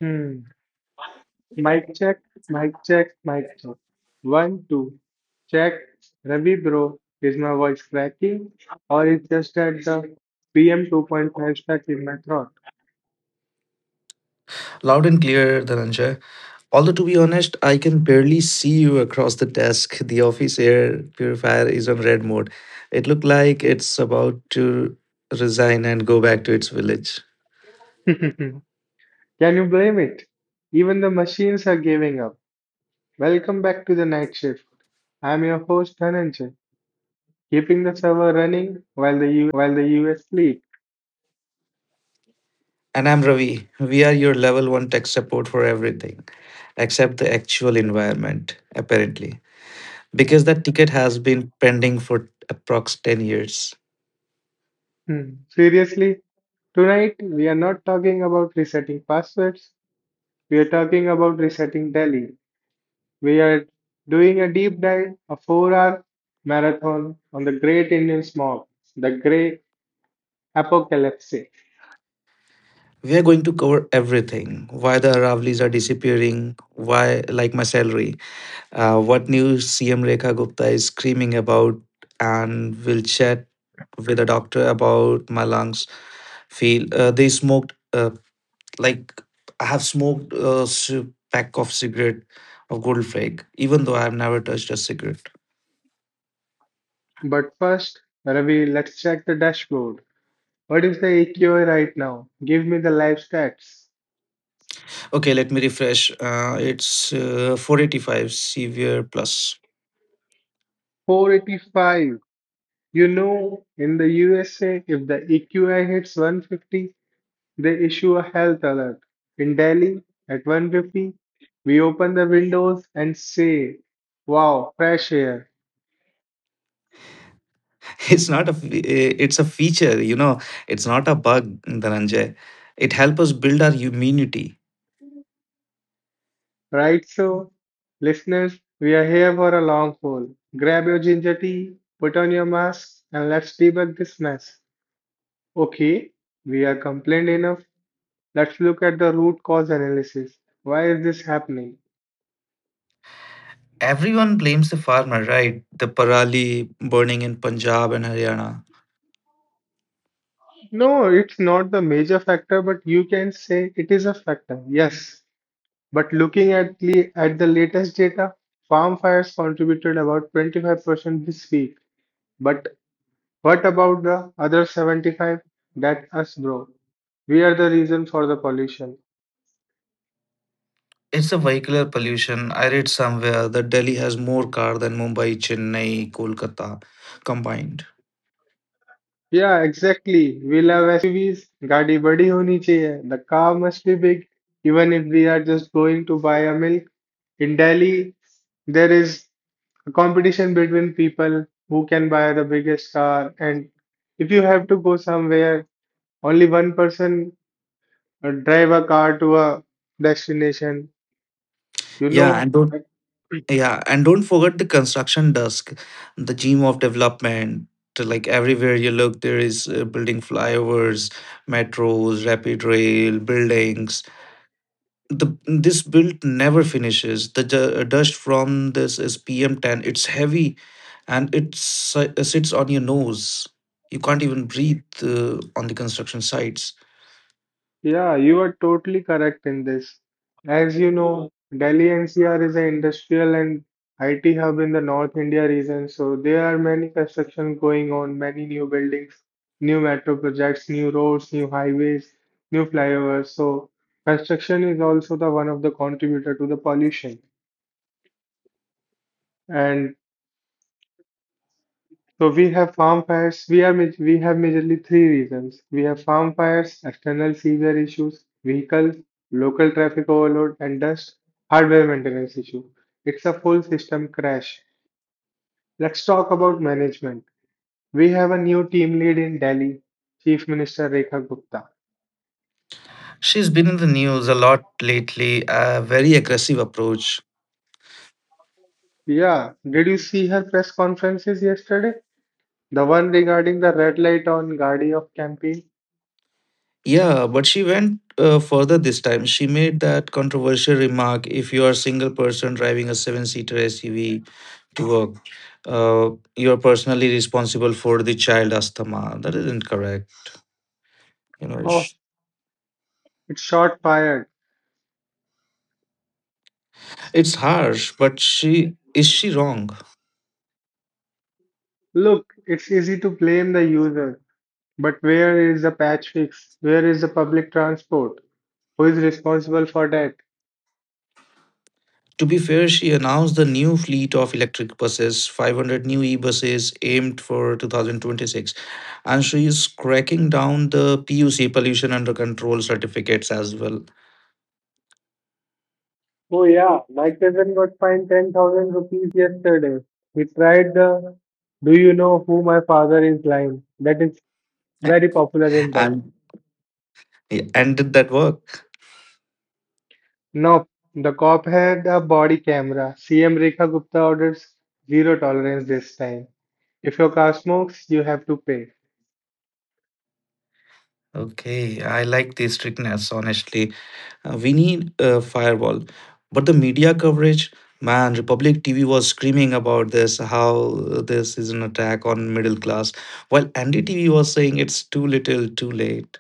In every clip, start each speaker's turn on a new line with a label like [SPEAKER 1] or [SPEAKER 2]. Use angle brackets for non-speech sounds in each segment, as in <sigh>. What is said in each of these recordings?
[SPEAKER 1] Hmm. Mic check, mic check, mic check. One, two, check. Ravi bro, is my voice cracking or it's just at the PM 2.5 stuck in my throat?
[SPEAKER 2] Loud and clear, Dhananjay. Although, to be honest, I can barely see you across the desk. The office air purifier is on red mode. It looked like it's about to resign and go back to its village.
[SPEAKER 1] <laughs> Can you blame it? Even the machines are giving up. Welcome back to the night shift. I'm your host Dhananjay, keeping the server running while the US sleep.
[SPEAKER 2] And I'm Ravi. We are your level one tech support for everything except the actual environment, apparently, because that ticket has been pending for approx 10 years.
[SPEAKER 1] Hmm. Seriously, tonight we are not talking about resetting passwords. We are talking about resetting Delhi. We are doing a deep dive, a 4-hour marathon on the great Indian smog, the grey apocalypse.
[SPEAKER 2] We are going to cover everything: why the Aravlis are disappearing, why, like my salary, what new CM Rekha Gupta is screaming about, and we'll chat with a doctor about my lungs. Feel they smoked like I have smoked a pack of cigarette of gold flake, even though I have never touched a cigarette.
[SPEAKER 1] But first, Ravi, let's check the dashboard. What is the AQI right now? Give me the live stats.
[SPEAKER 2] Okay, let me refresh. It's 485 severe plus.
[SPEAKER 1] 485. In the USA, if the AQI hits 150, they issue a health alert. In Delhi, at 150, we open the windows and say, "Wow, fresh air."
[SPEAKER 2] <laughs> it's not a fe- eh, it's a feature, it's not a bug, Dhananjay. It helps us build our immunity.
[SPEAKER 1] Right, so listeners, we are here for a long haul. Grab your ginger tea, put on your mask, and let's debug this mess. Okay, we are complained enough. Let's look at the root cause analysis. Why is this happening?
[SPEAKER 2] Everyone blames the farmer, right? The parali burning in Punjab and Haryana.
[SPEAKER 1] No, it's not the major factor, but you can say it is a factor. Yes, but looking at at the latest data, farm fires contributed about 25% this week. But what about the other 75? That us, bro. We are the reason for the pollution.
[SPEAKER 2] It's a vehicular pollution. I read somewhere that Delhi has more car than Mumbai, Chennai, Kolkata combined.
[SPEAKER 1] Yeah, exactly. We love SUVs. गाड़ी बड़ी होनी चाहिए. The car must be big. Even if we are just going to buy a milk in Delhi, there is a competition between people who can buy the biggest car. And if you have to go somewhere, only one person drive a car to a destination. You
[SPEAKER 2] yeah
[SPEAKER 1] know,
[SPEAKER 2] and don't Yeah, and don't forget the construction dusk, the gem of development. Like everywhere you look, there is building flyovers, metros, rapid rail, buildings. The this build never finishes. The dust from this is PM10. It's heavy and it sits on your nose. You can't even breathe on the construction sites.
[SPEAKER 1] Yeah, you are totally correct in this. As you know, Delhi NCR is an industrial and IT hub in the North India region, so there are many construction going on, many new buildings, new metro projects, new roads, new highways, new flyovers. So construction is also the one of the contributor to the pollution. And so we have farm fires. We have majorly three reasons. We have farm fires, external severe issues, vehicles, local traffic overload, and dust, hardware maintenance issue. It's a full system crash. Let's talk about management. We have a new team lead in Delhi, Chief Minister Rekha Gupta.
[SPEAKER 2] She's been in the news a lot lately. A very aggressive approach.
[SPEAKER 1] Yeah, did you see her press conferences yesterday? The one regarding the red light on Guardy of campaign?
[SPEAKER 2] Yeah, but she went further this time. She made that controversial remark: if you are a single person driving a seven seater SUV to work, you're personally responsible for the child asthma. That isn't correct. You know,
[SPEAKER 1] Oh, it shot fired.
[SPEAKER 2] it's harsh, but she wrong?
[SPEAKER 1] Look, it's easy to blame the user. But where is the patch fix? Where is the public transport? Who is responsible for that?
[SPEAKER 2] To be fair, she announced the new fleet of electric buses, 500 new e-buses aimed for 2026, and she is cracking down the PUC, pollution under control certificates as well.
[SPEAKER 1] Oh yeah, my cousin got fined 10,000 rupees yesterday. He tried the "Do you know who my father is" line? That is very popular in
[SPEAKER 2] <laughs>
[SPEAKER 1] Delhi.
[SPEAKER 2] and. Yeah, and did that work?
[SPEAKER 1] No, the cop had a body camera. CM Rekha Gupta orders zero tolerance this time. If your car smokes, you have to pay.
[SPEAKER 2] Okay, I like the strictness, honestly. We need a firewall. But the media coverage, man, Republic TV was screaming about this, how this is an attack on middle class, while NDTV was saying it's too little, too late.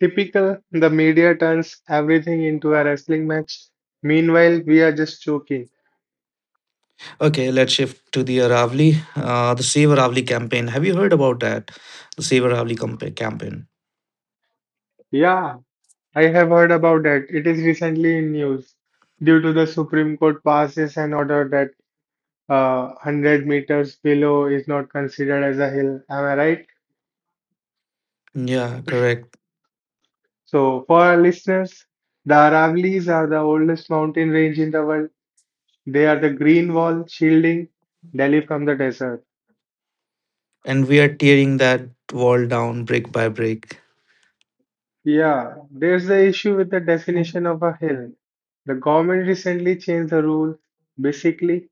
[SPEAKER 1] Typical, the media turns everything into a wrestling match. Meanwhile, we are just joking.
[SPEAKER 2] Okay, let's shift to the Aravali. The Save Aravali campaign. Have you heard about that? The Save Aravali campaign.
[SPEAKER 1] Yeah, I have heard about that. It is recently in news due to the Supreme Court passes an order that 100 meters below is not considered as a hill. Am I right?
[SPEAKER 2] Yeah, correct.
[SPEAKER 1] So, for our listeners, the Aravallis are the oldest mountain range in the world. They are the green wall shielding Delhi from the desert.
[SPEAKER 2] And we are tearing that wall down brick by brick.
[SPEAKER 1] Yeah, there's the issue with the definition of a hill. The government recently changed the rule. Basically,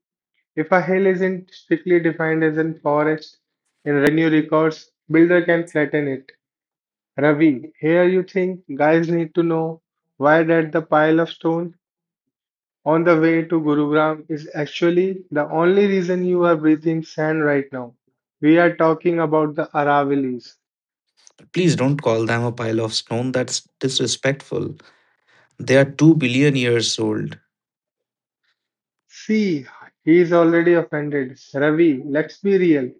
[SPEAKER 1] if a hill isn't strictly defined as a forest in revenue records, builder can flatten it. Ravi, here you think guys need to know why that the pile of stone on the way to Gurugram is actually the only reason you are breathing sand right now. We are talking about the Aravallis.
[SPEAKER 2] Please don't call them a pile of stone. That's disrespectful. They are 2 billion years old.
[SPEAKER 1] See, he is already offended. Ravi, let's be real.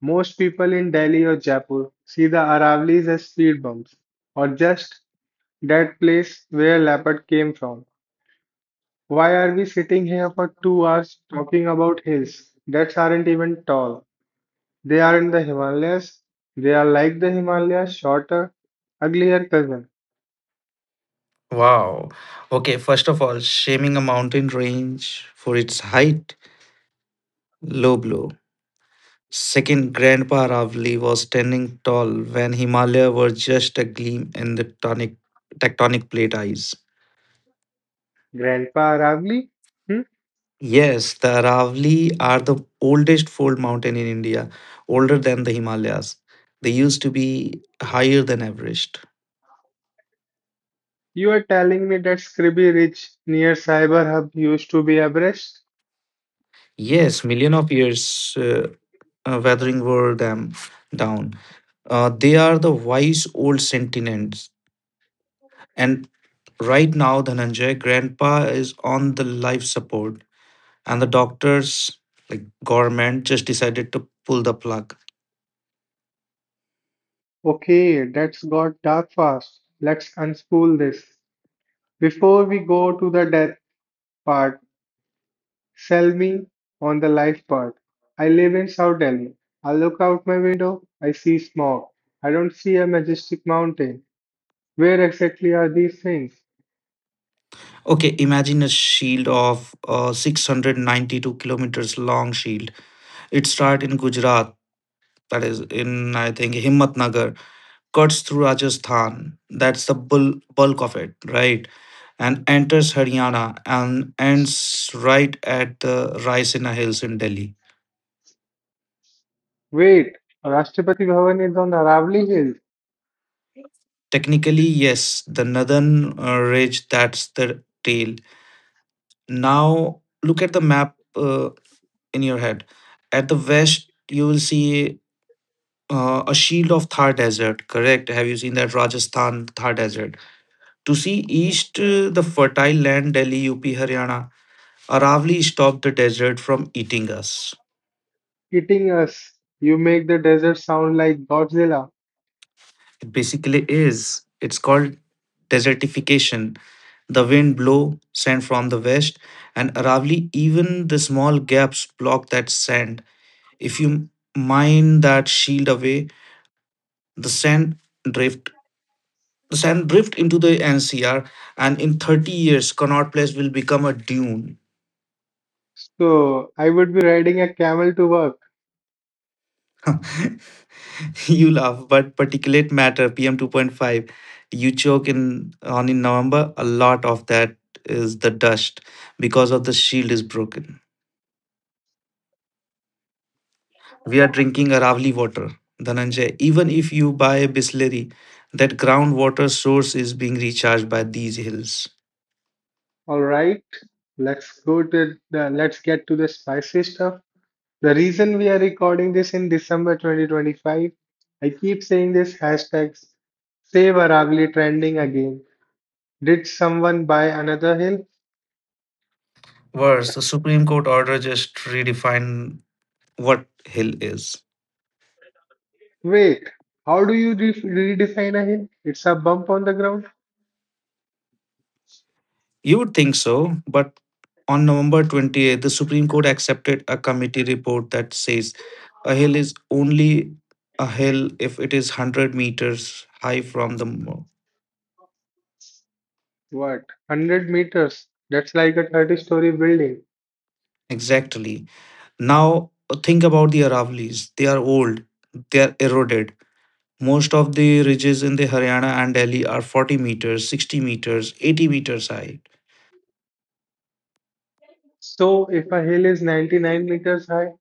[SPEAKER 1] Most people in Delhi or Jaipur see the Aravallis as speed bumps or just "that place where leopard came from." Why are we sitting here for 2 hours talking about hills that aren't even tall? They aren't the Himalayas. They are like the Himalayas, shorter, uglier cousin.
[SPEAKER 2] Wow. Okay, first of all, shaming a mountain range for its height, low blow. Second, Grandpa Ravli was standing tall when Himalaya were just a gleam in the tectonic plate eyes.
[SPEAKER 1] Grandpa Aravli? Hmm?
[SPEAKER 2] Yes, the Aravali are the oldest fold mountain in India, older than the Himalayas. They used to be higher than Everest.
[SPEAKER 1] You are telling me that Scribby Ridge near Cyber Hub used to be Everest?
[SPEAKER 2] Yes, million of years weathering wore them down. They are the wise old sentinels. And right now, Dhananjay, grandpa is on the life support, and the doctors, like government, just decided to pull the plug.
[SPEAKER 1] Okay, that's got dark fast. Let's unspool this. Before we go to the death part, sell me on the life part. I live in South Delhi. I look out my window, I see smog. I don't see a majestic mountain. Where exactly are these things?
[SPEAKER 2] Okay, imagine a shield of 692 kilometers long shield. It started in Gujarat, that is in, I think, Himmatnagar, cuts through Rajasthan, that's the bulk of it, right? And enters Haryana and ends right at the Raisina Hills in Delhi.
[SPEAKER 1] Wait, Rashtrapati Bhavan is on Aravali Hill,
[SPEAKER 2] Technically, yes, the northern ridge, that's the tail. Now, look at the map in your head. At the west, you will see a shield of Thar Desert, correct? Have you seen that Rajasthan Thar Desert? To see east, the fertile land Delhi, UP, Haryana. Aravali stopped the desert from eating us.
[SPEAKER 1] eating us. You make the desert sound like Godzilla.
[SPEAKER 2] It basically is. It's called desertification. The wind blow sand from the west, and Aravali, even the small gaps block that sand. If you mine that shield away, the sand drift the sand drift into the NCR, and in 30 years, Connaught Place will become a dune.
[SPEAKER 1] So I would be riding a camel to work.
[SPEAKER 2] <laughs> <laughs> You laugh, but particulate matter PM 2.5 you choke in on in November, a lot of that is the dust because of the shield is broken. We are drinking Aravali water, Dhananjay. Even if you buy a Bisleri, that groundwater source is being recharged by these hills.
[SPEAKER 1] All right, let's get to the spicy stuff. The reason we are recording this in December 2025, I keep saying this hashtag save Aragli trending again. Did someone buy another hill?
[SPEAKER 2] Worse, the Supreme Court order just redefined what hill is.
[SPEAKER 1] Wait, how do you redefine a hill? It's a bump on the ground?
[SPEAKER 2] You would think so, but on November 28th, the Supreme Court accepted a committee report that says a hill is only a hill if it is 100 meters high from the
[SPEAKER 1] What? 100 meters? That's like a 30-story building.
[SPEAKER 2] exactly. Now think about the Aravalis. They are old. They are eroded. Most of the ridges in the Haryana and Delhi are 40 meters, 60 meters, 80 meters high.
[SPEAKER 1] So if a hill is 99 meters high,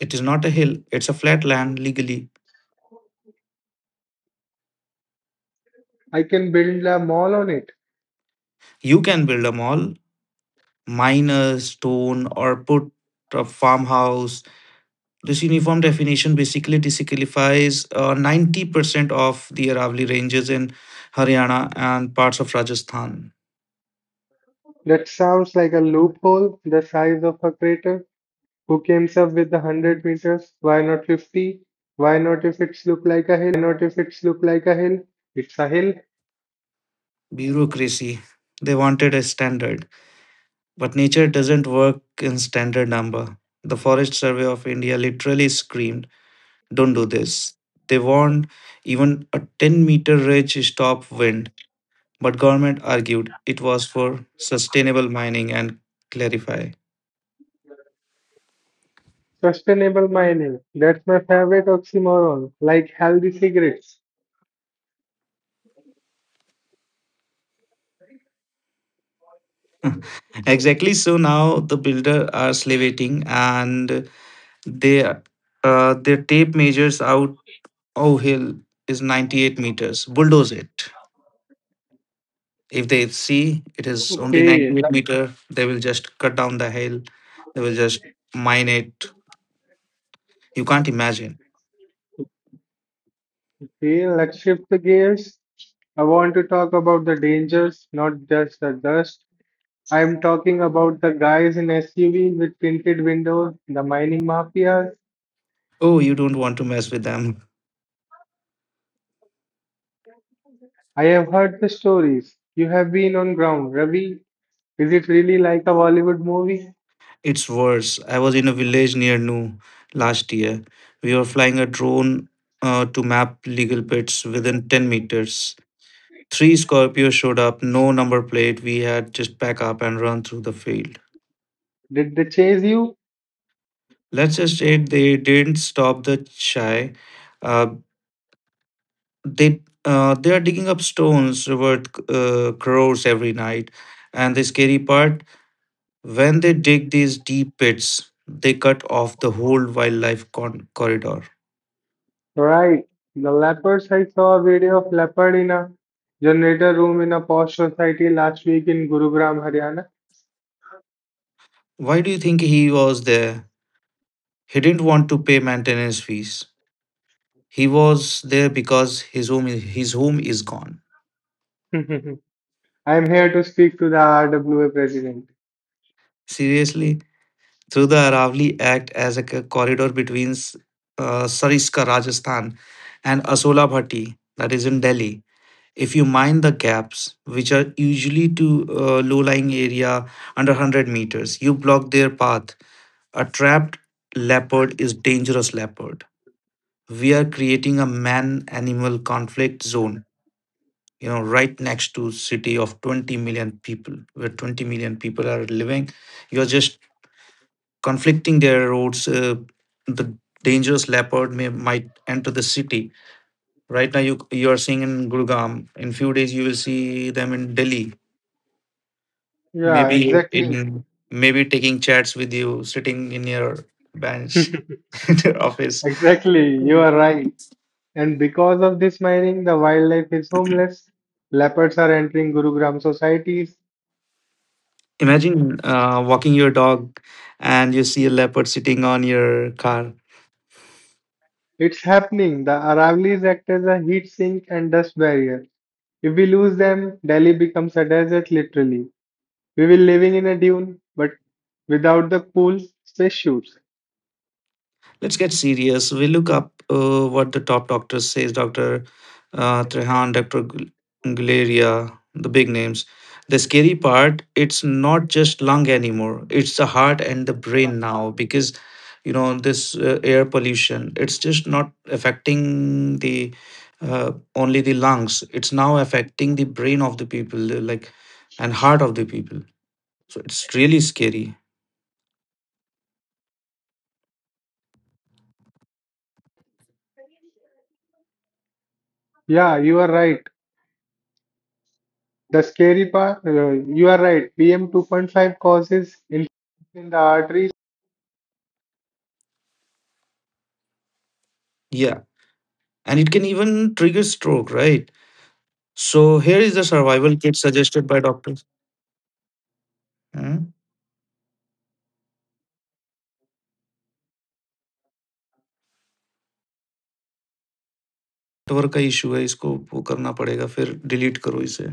[SPEAKER 2] It is not a hill, it's a flat land legally.
[SPEAKER 1] I can build a mall on it.
[SPEAKER 2] You can build a mall, mine a stone, or put a farmhouse. This uniform definition basically disqualifies 90% of the Aravali ranges in Haryana and parts of Rajasthan.
[SPEAKER 1] That sounds like a loophole the size of a crater. Who came up with the 100 meters? Why not 50? Why not if it's look like a hill? It's a hill.
[SPEAKER 2] Bureaucracy. They wanted a standard, but nature doesn't work in standard number. The Forest Survey of India literally screamed, don't do this. They warned even a 10-meter ridge stop wind, but government argued it was for sustainable mining and clarify.
[SPEAKER 1] Sustainable mining. That's my favorite oxymoron, like healthy cigarettes.
[SPEAKER 2] <laughs> Exactly. So now the builder are salivating and they their tape measures out, oh hill is 98 meters. Bulldoze it. If they see it is only
[SPEAKER 1] Okay,
[SPEAKER 2] 98 meter, they will just cut down the hill. They will just mine it. You can't imagine.
[SPEAKER 1] let's shift the gears. I want to talk about the dangers, not just the dust. I am talking about the guys in SUV with tinted windows, the mining mafia.
[SPEAKER 2] Oh, you don't want to mess with them.
[SPEAKER 1] I have heard the stories. You have been on ground, Ravi. Is it really like a Bollywood movie?
[SPEAKER 2] It's worse. I was in a village near Nu last year. We were flying a drone to map legal pits within 10 meters. Three Scorpios showed up, no number plate. We had just pack up and run through the field.
[SPEAKER 1] Did they chase you?
[SPEAKER 2] Let's just say they didn't stop the shy. Uh, they they are digging up stones worth crores every night. And the scary part, when they dig these deep pits, they cut off the whole wildlife corridor.
[SPEAKER 1] Right. The leopards. I saw a video of leopard in a generator room in a posh society last week in Gurugram, Haryana.
[SPEAKER 2] Why do you think he was there? He didn't want to pay maintenance fees. He was there because his home is gone.
[SPEAKER 1] <laughs> I am here to speak to the RWA president.
[SPEAKER 2] Seriously, through the Aravali Act as a corridor between Sariska, Rajasthan, and Asola Bhatti, that is in Delhi. If you mine the gaps, which are usually to low-lying area under 100 meters, you block their path. A trapped leopard is dangerous leopard. We are creating a man-animal conflict zone, you know, right next to city of 20 million people, where 20 million people are living. You're just conflicting their roads. The dangerous leopard may might enter the city. Right now, you are seeing in Gurgaon. In few days, you will see them in Delhi.
[SPEAKER 1] Yeah,
[SPEAKER 2] Maybe
[SPEAKER 1] exactly.
[SPEAKER 2] in maybe taking chats with you, sitting in your bench <laughs> in your office.
[SPEAKER 1] Exactly. You are right. And because of this mining, the wildlife is homeless. Leopards are entering Gurugram societies.
[SPEAKER 2] Imagine walking your dog and you see a leopard sitting on your car.
[SPEAKER 1] It's happening. The Aravallis act as a heat sink and dust barrier. If we lose them, Delhi becomes a desert literally. We were living in a dune, but without the cool spacesuits.
[SPEAKER 2] Let's get serious. We look up what the top doctor says, Dr. Trehan, Dr. Guleria, the big names. The scary part, it's not just lung anymore. It's the heart and the brain now because, you know, this air pollution, it's just not affecting the only the lungs. It's now affecting the brain of the people, like, and heart of the people. So it's really scary.
[SPEAKER 3] Yeah, you are right. The scary part, you are right. PM 2.5 causes inflammation in the arteries
[SPEAKER 2] Yeah. And it can even trigger stroke, right? So here is the survival kit suggested by doctors. हम्म network का issue है, इसको वो करना पड़ेगा, फिर delete करो इसे.